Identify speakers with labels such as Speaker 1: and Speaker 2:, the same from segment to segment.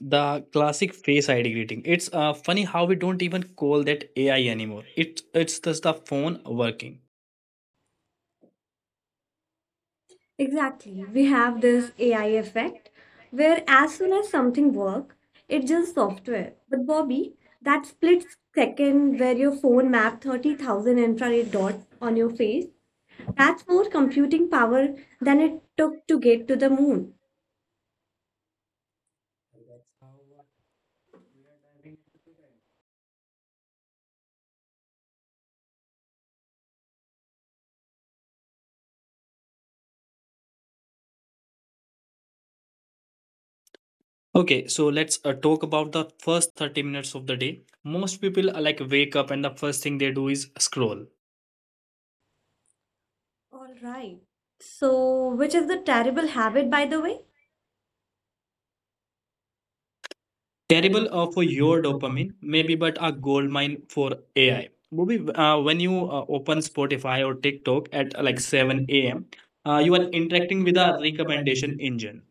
Speaker 1: The classic face ID greeting. It's funny how we don't even call that AI anymore. It's just the phone working.
Speaker 2: Exactly. We have this AI effect where as soon as something works, it's just software. But Bobby, that split second where your phone mapped 30,000 infrared dots on your face, that's more computing power than it took to get to the moon.
Speaker 1: Okay, so let's talk about the first 30 minutes of the day. Most people like wake up and the first thing they do is scroll.
Speaker 2: All right. So, which is the terrible habit, by the way?
Speaker 1: Terrible for your dopamine, maybe, but a gold mine for AI. Bobby, when you open Spotify or TikTok at like 7 a.m., you are interacting with a recommendation engine.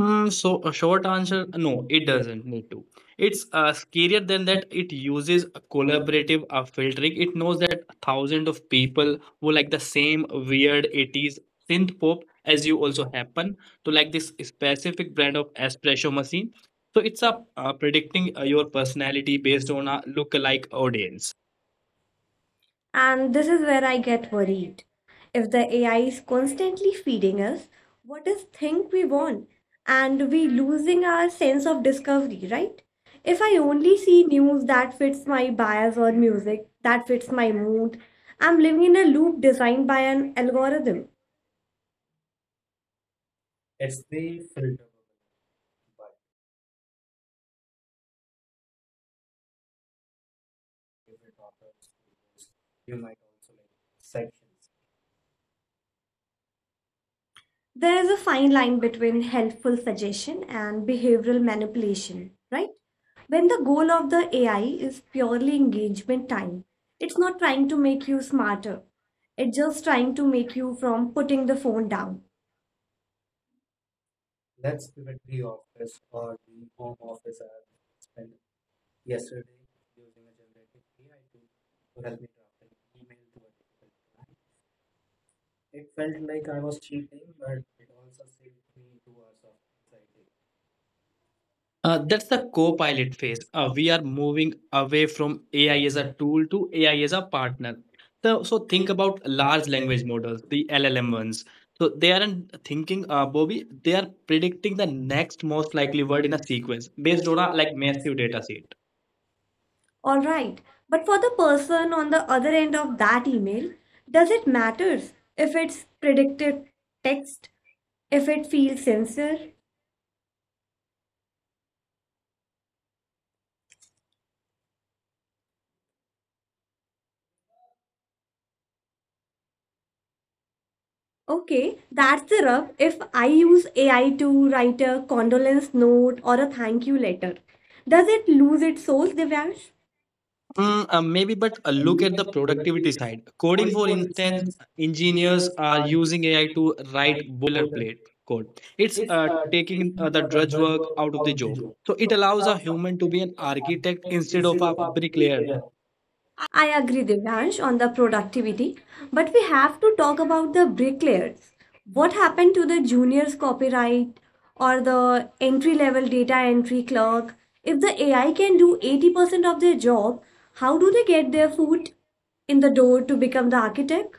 Speaker 1: So a short answer, no, it doesn't need to. It's scarier than that. It uses a collaborative filtering. It knows that thousands of people who like the same weird 80s synth pop as you also happen to like this specific brand of espresso machine. So it's a predicting your personality based on a look-alike audience.
Speaker 2: And this is where I get worried. If the AI is constantly feeding us what is think we want, and we losing our sense of discovery, right? If I only see news that fits my bias or music that fits my mood, I'm living in a loop designed by an algorithm. There is a fine line between helpful suggestion and behavioral manipulation, right? When the goal of the AI is purely engagement time, it's not trying to make you smarter. It's just trying to make you from putting the phone down.
Speaker 1: That's the co-pilot phase. We are moving away from AI as a tool to AI as a partner. So think about large language models, the LLM ones. So they aren't thinking, Bobby. They are predicting the next most likely word in a sequence based on a like massive data set.
Speaker 2: All right. But for the person on the other end of that email, does it matter if it's predictive text, if it feels sincere? Okay, that's the rub. If I use AI to write a condolence note or a thank you letter, does it lose its soul, Divyansh?
Speaker 1: Mm, maybe, but look at the productivity side. Coding, for instance, engineers are using AI to write boilerplate code. It's taking the drudge work out of the job. So it allows a human to be an architect instead of a bricklayer.
Speaker 2: I agree, Divyansh, on the productivity, but we have to talk about the bricklayers. What happened to the junior's copyright or the entry level data entry clerk? If the AI can do 80% of their job, how do they get their foot in the door to become the architect?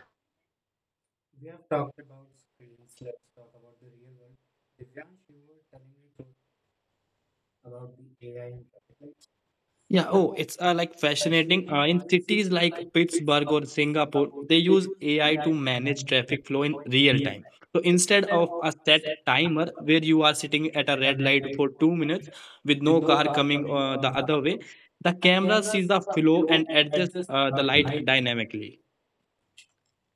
Speaker 1: Yeah, oh, it's like fascinating. In cities like Pittsburgh or Singapore, they use AI to manage traffic flow in real time. So instead of a set timer where you are sitting at a red light for 2 minutes with no car coming the other way, the camera sees the flow and adjusts the light dynamically.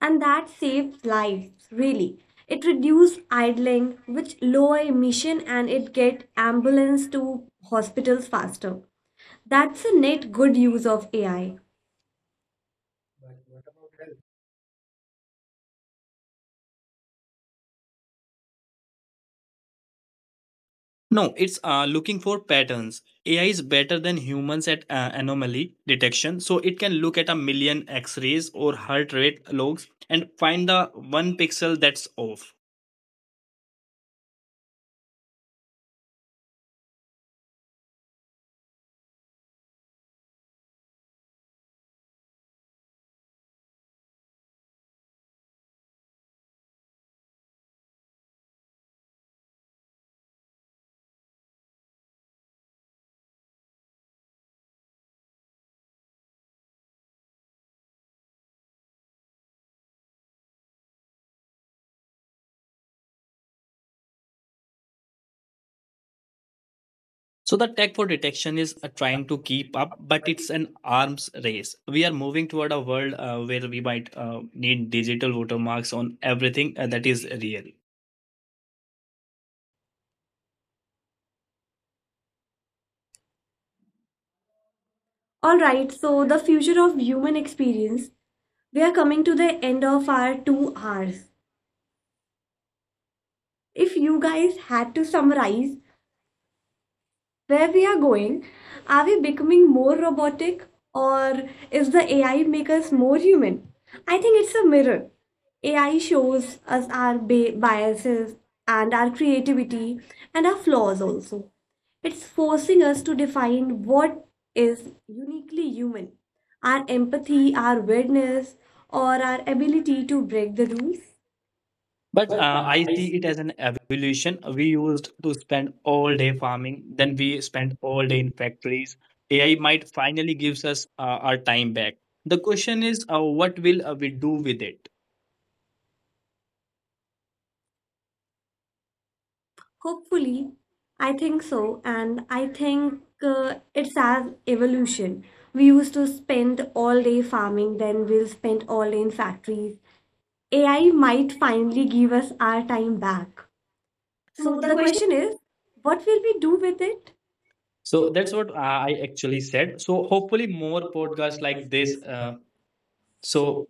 Speaker 2: And that saves lives. Really, it reduces idling, which lower emission, and it get ambulance to hospitals faster. That's a net good use of AI.
Speaker 1: No, it's looking for patterns. AI is better than humans at anomaly detection, so it can look at a million X rays or heart rate logs and find the one pixel that's off. So, the tech for detection is trying to keep up, but it's an arms race. We are moving toward a world where we might need digital watermarks on everything that is real.
Speaker 2: Alright, so the future of human experience, we are coming to the end of our 2 hours. If you guys had to summarize where we are going, are we becoming more robotic or is the AI make us more human? I think it's a mirror. AI shows us our biases and our creativity and our flaws also. It's forcing us to define what is uniquely human, our empathy, our weirdness, or our ability to break the rules.
Speaker 1: But I see it as an evolution. We used to spend all day farming, then we spent all day in factories. AI might finally gives us our time back. The question is, what will we do with it?
Speaker 2: Hopefully, I think so, and I think it's as evolution. We used to spend all day farming, then we'll spend all day in factories. AI might finally give us our time back.
Speaker 1: So
Speaker 2: So
Speaker 1: the
Speaker 2: the
Speaker 1: question.
Speaker 2: question is, what will we do with it?
Speaker 1: So that's what I actually said. So hopefully more podcasts like this. So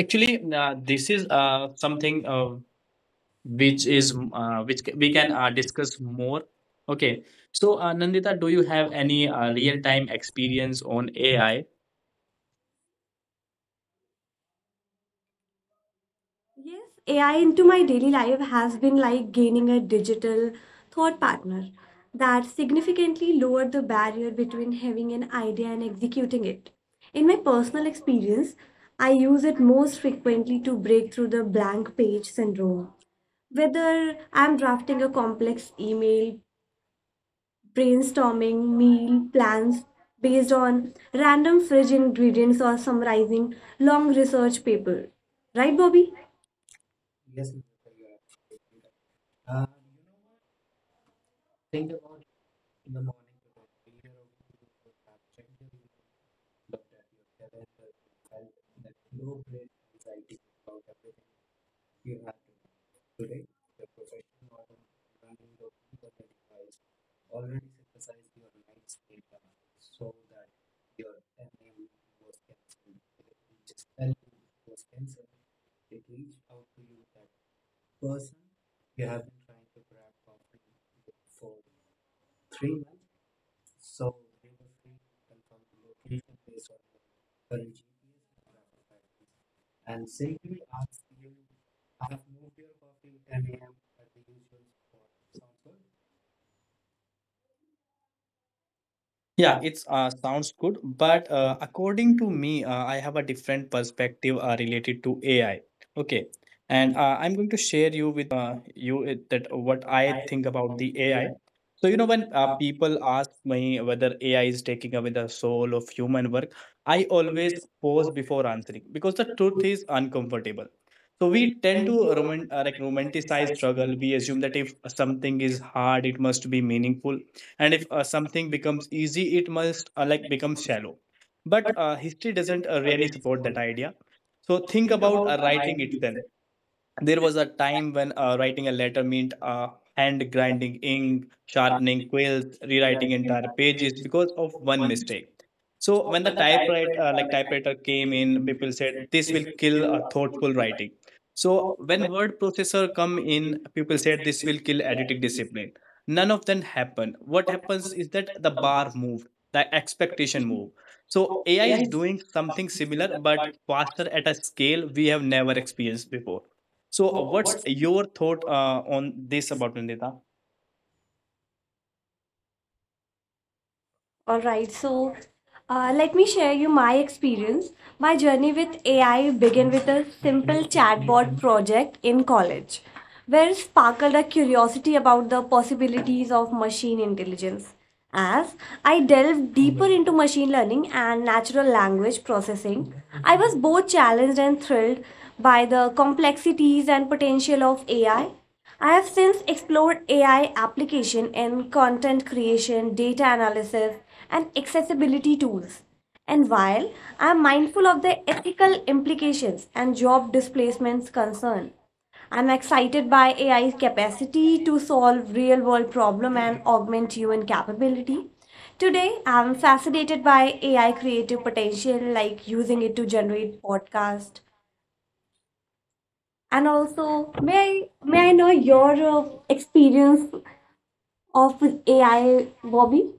Speaker 1: actually, this is something. Which is we can discuss more. Okay, so Nandita, do you have any real time experience on AI?
Speaker 2: Yes, AI into my daily life has been like gaining a digital thought partner that significantly lowered the barrier between having an idea and executing it. In my personal experience, I use it most frequently to break through the blank page syndrome. Whether I'm drafting a complex email, brainstorming meal plans based on random fridge ingredients, or summarizing long research paper. Right, Bobby?
Speaker 1: Yeah, it's sounds good, but according to me, I have a different perspective related to AI. Okay, and I'm going to share you with you that what I think about the AI. So you know, when people ask me whether AI is taking away the soul of human work, I always pause before answering because the truth is uncomfortable. So we tend to romanticize struggle. We assume that if something is hard, it must be meaningful, and if something becomes easy, it must like become shallow, but history doesn't really support that idea. So think about writing itself. There was a time when writing a letter meant hand grinding ink, sharpening quills, rewriting entire pages because of one mistake. So when the typewriter, typewriter came in, people said this will kill thoughtful writing. So when word processor come in, people said this will kill editing discipline. None of them happen. What happens is that the bar moved, the expectation moved. So AI is doing something similar but faster at a scale we have never experienced before. So what's your thought on this about Nandita?
Speaker 2: All right, so let me share you my experience. My journey with AI began with a simple chatbot project in college, where sparkled a curiosity about the possibilities of machine intelligence. As I delved deeper into machine learning and natural language processing, I was both challenged and thrilled by the complexities and potential of AI. I have since explored AI application in content creation, data analysis, and accessibility tools. And while I am mindful of the ethical implications and job displacements concern, I'm excited by AI's capacity to solve real-world problem and augment human capability. Today, I'm fascinated by AI creative potential, like using it to generate podcast and also, may I know your experience of AI, Bobby?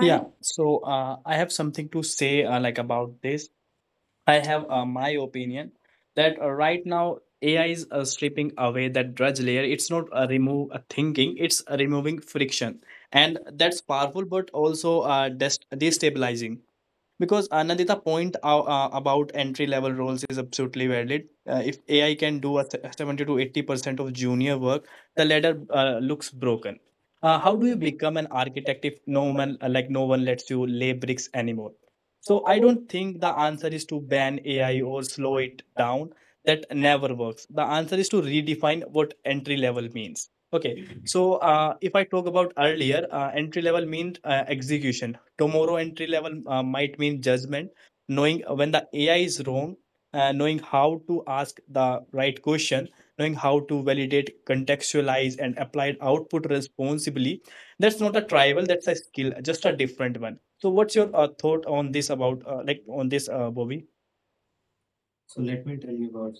Speaker 1: Yeah, so I have something to say like about this. I have my opinion that right now AI is stripping away that drudge layer. It's not remove thinking; it's removing friction, and that's powerful, but also destabilizing. Because Anandita point out, about entry level roles is absolutely valid. If AI can do 70 to 80% of junior work, the ladder looks broken. How do you become an architect if no one lets you lay bricks anymore? So I don't think the answer is to ban AI or slow it down. That never works. The answer is to redefine what entry level means. Okay, so if I talk about earlier, entry level means execution. Tomorrow entry level might mean judgment, knowing when the AI is wrong, knowing how to ask the right question, knowing how to validate, contextualize, and apply output responsibly. That's not a trial. That's a skill, just a different one. So, what's your thought on this about Bobby? So let me tell you about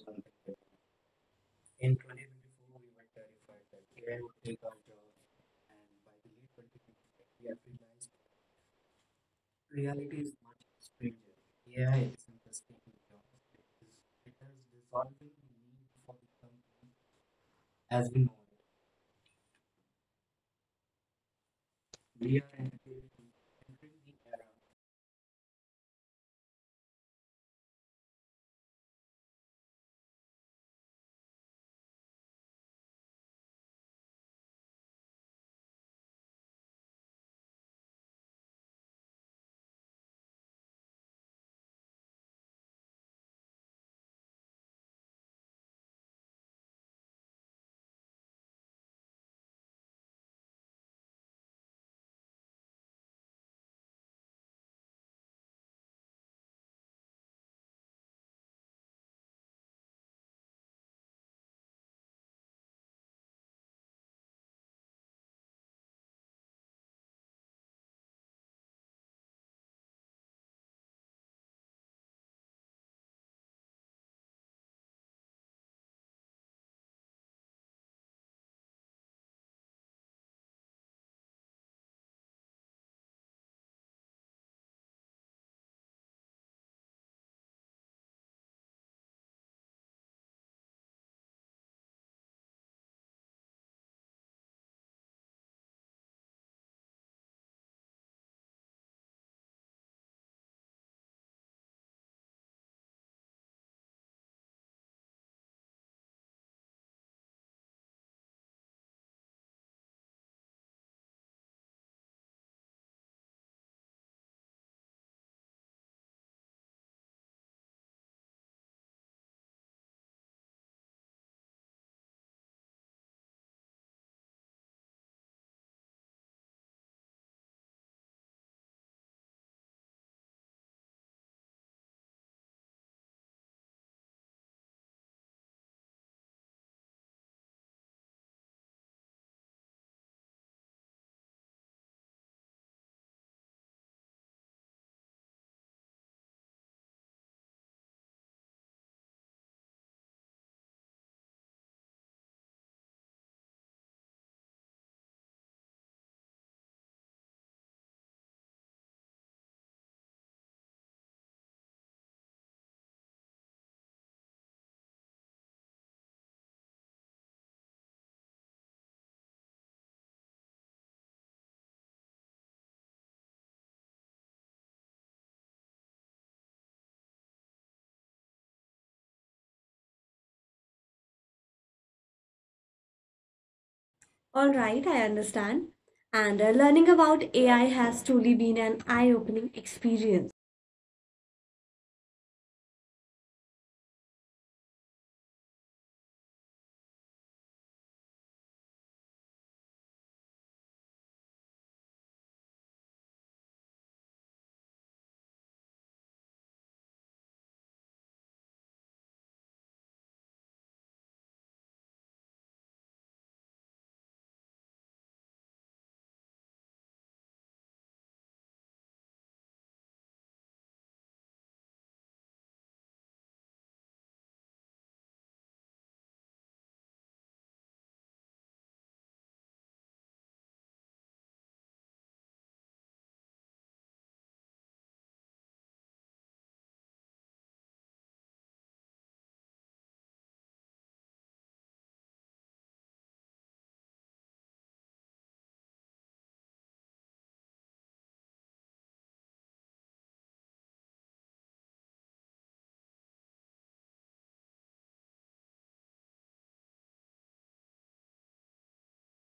Speaker 2: All right, I understand. And learning about AI has truly been an eye-opening experience.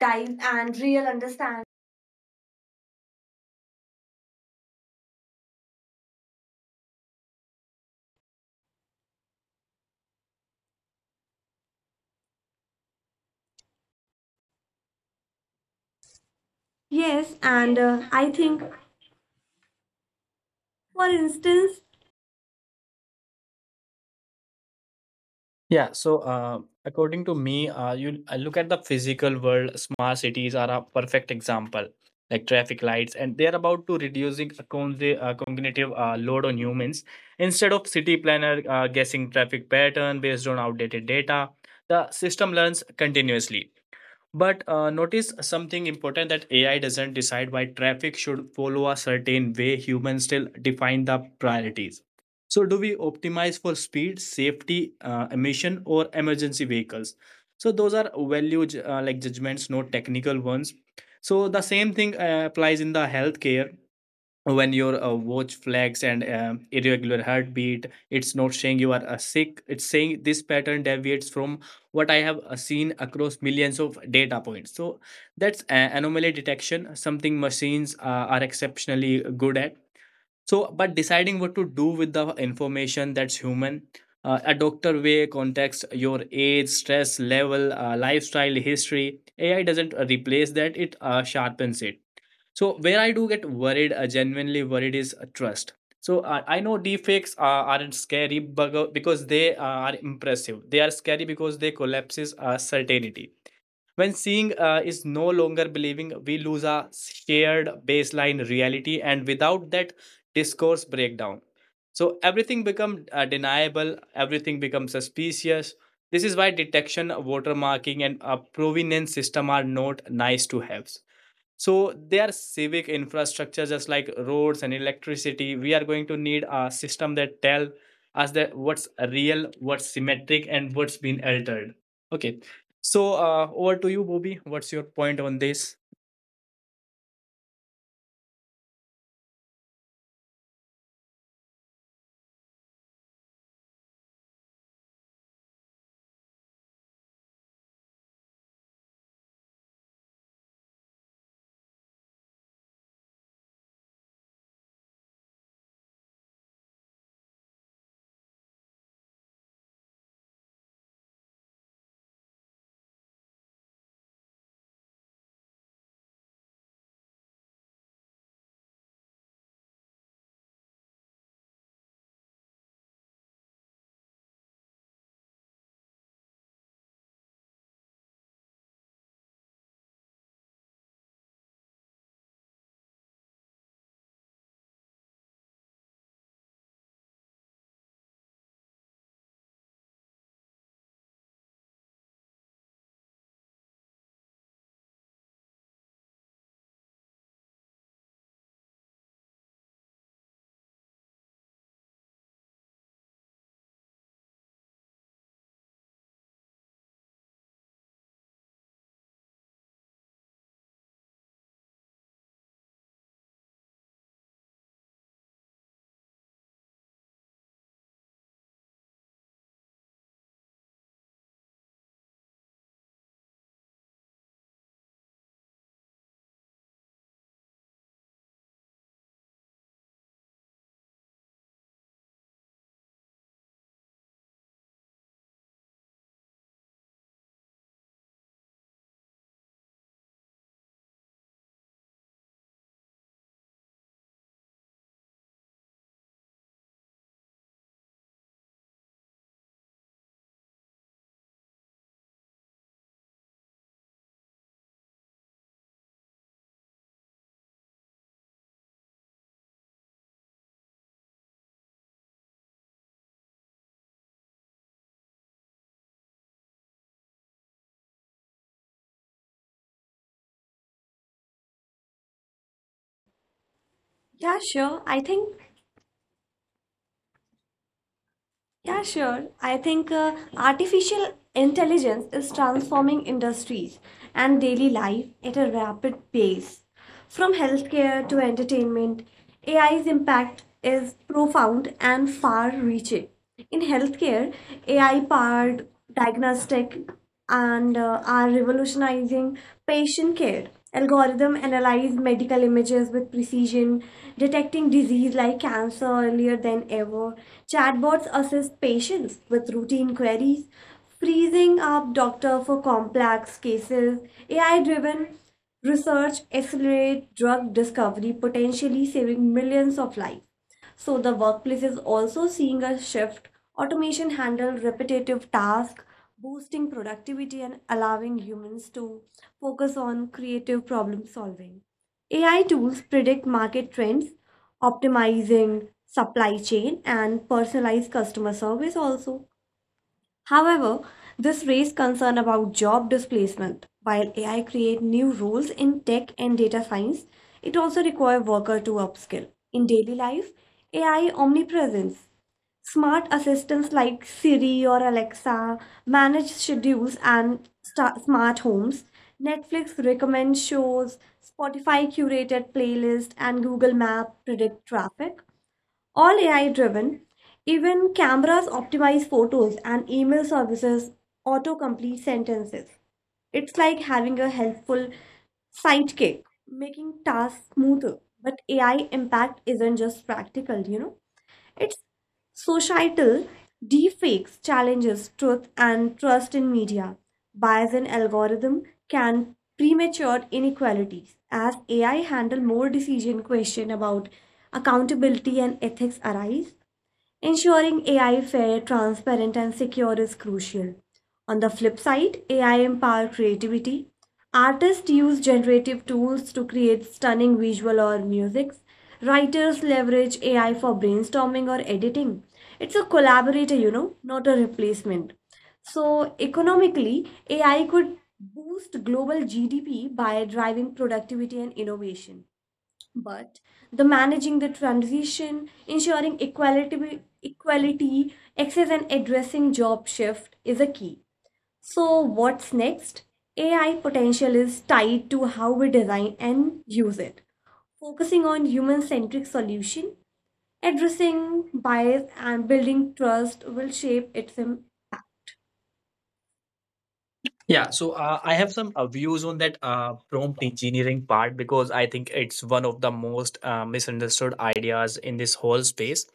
Speaker 1: time and real understanding.
Speaker 2: Yes, and I think, for instance,
Speaker 1: Yeah, so according to me, you I look at the physical world. Smart cities are a perfect example, like traffic lights, and they are about to reducing cognitive load on humans. Instead of city planner guessing traffic pattern based on outdated data, the system learns continuously. But notice something important, that AI doesn't decide why traffic should follow a certain way. Humans still define the priorities. So, do we optimize for speed, safety, emission, or emergency vehicles? So, those are value ju- like judgments, not technical ones. So, the same thing applies in the healthcare. When your watch flags and irregular heartbeat, it's not saying you are sick, it's saying this pattern deviates from what I have seen across millions of data points. So that's anomaly detection, something machines are exceptionally good at. So but deciding what to do with the information, that's human. A doctor way context, your age, stress level, lifestyle history. AI doesn't replace that, it sharpens it. So where I do get worried, genuinely worried, is trust. So I know deepfakes aren't because they are impressive. They are scary because they collapses certainty. When seeing is no longer believing, we lose our shared baseline reality, and without that, discourse breakdown. So everything become deniable. Everything becomes suspicious. This is why detection, watermarking, and provenance system are not nice to have, so their civic infrastructure, just like roads and electricity. We are going to need a system that tell us that what's real, what's symmetric, and what's been altered. Okay. So over to you, Bobby. What's your point on this?
Speaker 2: yeah, sure. I think artificial intelligence is transforming industries and daily life at a rapid pace. From healthcare to entertainment, AI's impact is profound and far reaching. In healthcare, AI powered diagnostic and are revolutionizing patient care. Algorithm analyze medical images with precision, detecting disease like cancer earlier than ever. Chatbots assist patients with routine queries, freezing up doctor for complex cases. AI-driven research accelerate drug discovery, potentially saving millions of lives. So the workplace is also seeing a shift. Automation handles repetitive tasks, boosting productivity and allowing humans to focus on creative problem solving. AI tools predict market trends, optimizing supply chain and personalized customer service also. However, this raised concern about job displacement. While AI create new roles in tech and data science, it also requires workers to upskill. In daily life, AI omnipresence. Smart assistants like Siri or Alexa manage schedules and smart homes. Netflix recommends shows, Spotify curated playlists, and Google Map predict traffic. All AI driven, even cameras optimize photos and email services autocomplete sentences. It's like having a helpful sidekick, making tasks smoother. But AI impact isn't just practical, you know? Its societal deepfakes challenges truth and trust in media. Bias in algorithm can premature inequalities as AI handle more decision question about accountability and ethics arise. Ensuring AI fair, transparent, and secure is crucial. On the flip side, AI empowers creativity. Artists use generative tools to create stunning visual or music. Writers leverage AI for brainstorming or editing. It's a collaborator, not a replacement. So, economically, AI could boost global GDP by driving productivity and innovation but the managing the transition, ensuring equality, access, and addressing job shift is a key. So, what's next? AI potential is tied to how we design and use it, focusing on human centric solution, addressing bias, and building trust will shape its
Speaker 1: Yeah, so I have some views on that prompt engineering part, because I think it's one of the most misunderstood ideas in this whole space.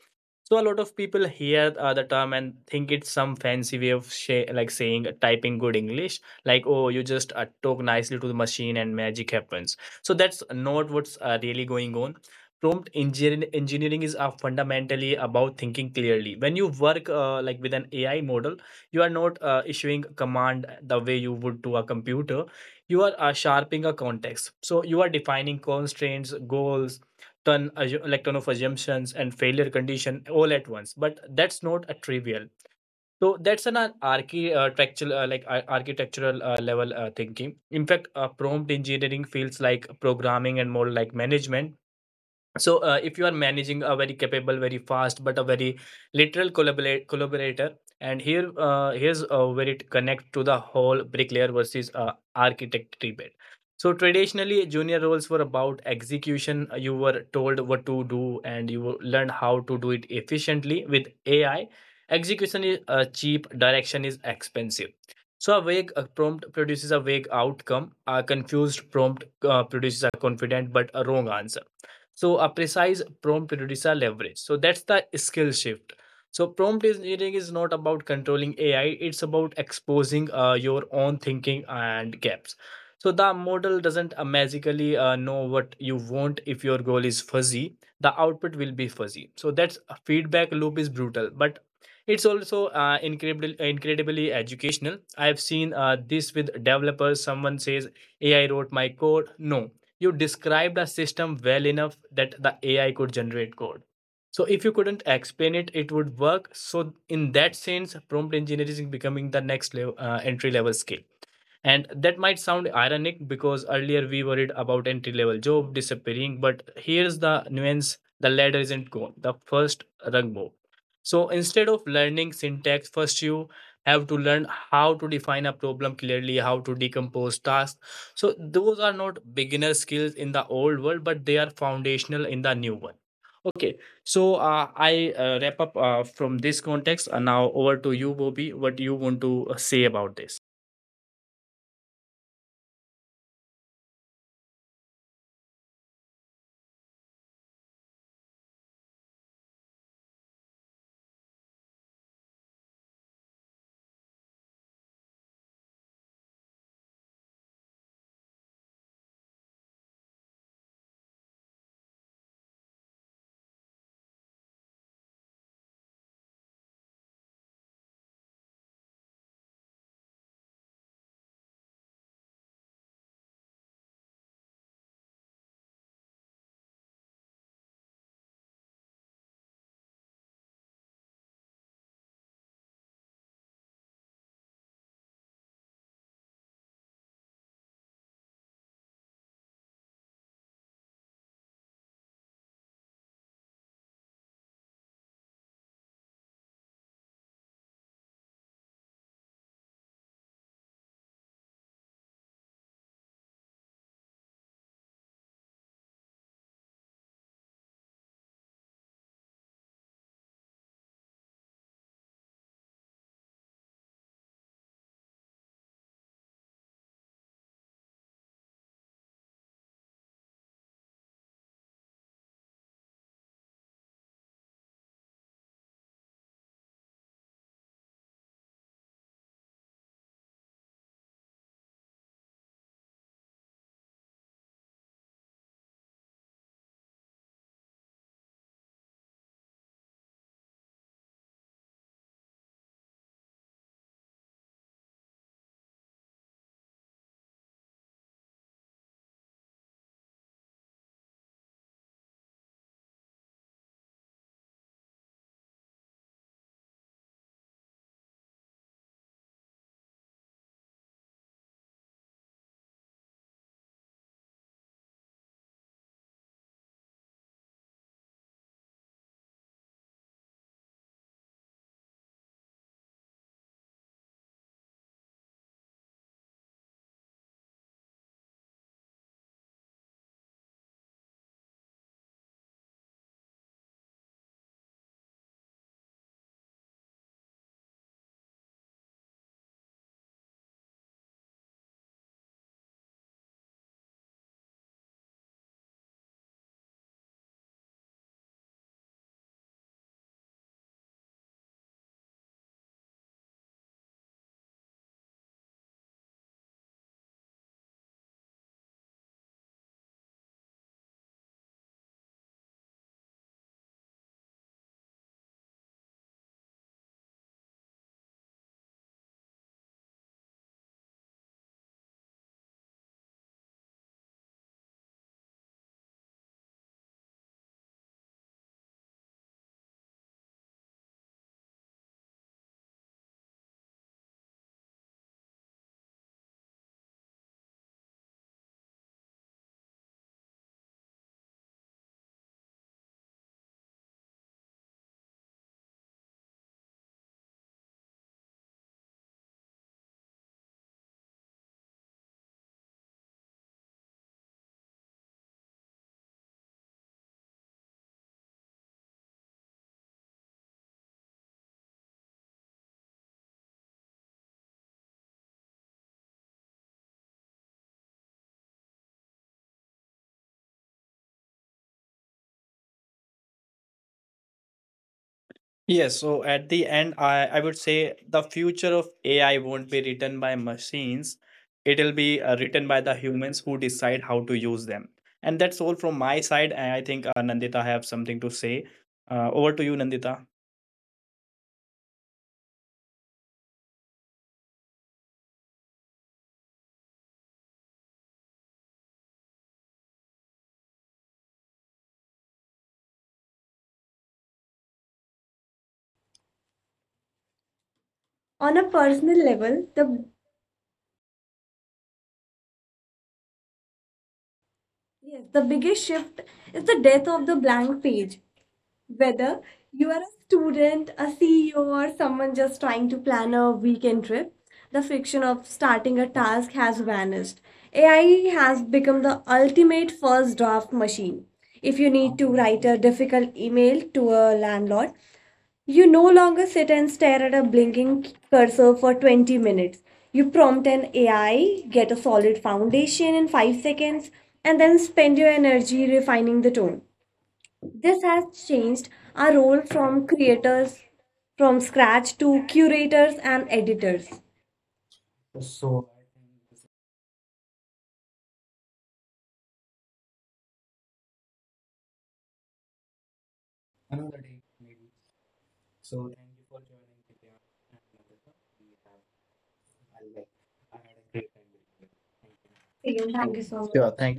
Speaker 1: So a lot of people hear the term and think it's some fancy way of saying typing good English, like, oh, you just talk nicely to the machine and magic happens. So that's not what's really going on. Prompt engineering is fundamentally about thinking clearly. When you work with an AI model, you are not issuing command the way you would to a computer. You are sharpening a context. So you are defining constraints, goals, ton of assumptions and failure condition all at once, but that's not a trivial. So that's architectural architectural level thinking. In fact, prompt engineering feels like programming and more like management. So, if you are managing a very capable, very fast, but a very literal collaborator, and here's where it connects to the whole bricklayer versus architect debate. So, traditionally, junior roles were about execution. You were told what to do, and you learned how to do it efficiently with AI. Execution is cheap, direction is expensive. So, a vague prompt produces a vague outcome. A confused prompt produces a confident but a wrong answer, so a precise prompt produces a leverage. So that's the skill shift. So prompt engineering is not about controlling AI. It's about exposing your own thinking and gaps. So the model doesn't magically know what you want. If your goal is fuzzy, the output will be fuzzy. So that's feedback loop is brutal, but it's also incredibly educational. I've seen this with developers. Someone says AI wrote my code. No, you described a system well enough that the AI could generate code. So if you couldn't explain it, it would work. So in that sense, prompt engineering is becoming the next level, entry level skill. And that might sound ironic because earlier we worried about entry level job disappearing, but here's the nuance: the ladder isn't gone, the first rung moved. So instead of learning syntax, first you have to learn how to define a problem clearly, how to decompose tasks. So those are not beginner skills in the old world, but they are foundational in the new one. Okay, so I wrap up from this context, and now over to you, Bobby. What you want to say about this? Yes, so at the end, I would say the future of AI won't be written by machines. It'll be written by the humans who decide how to use them. And that's all from my side. And I think Nandita have something to say. Over to you, Nandita.
Speaker 2: on a personal level. The yes, the biggest shift is the death of the blank page. Whether you are a student, a CEO, or someone just trying to plan a weekend trip, the friction of starting a task has vanished. AI has become the ultimate first draft machine. If you need to write a difficult email to a landlord, you no longer sit and stare at a blinking cursor for 20 minutes. You prompt an AI, get a solid foundation in 5 seconds, and then spend your energy refining the tone. This has changed our role from creators from scratch to curators and editors.
Speaker 1: Thank
Speaker 2: Again,
Speaker 1: you
Speaker 2: thank you so
Speaker 1: so much.
Speaker 2: much.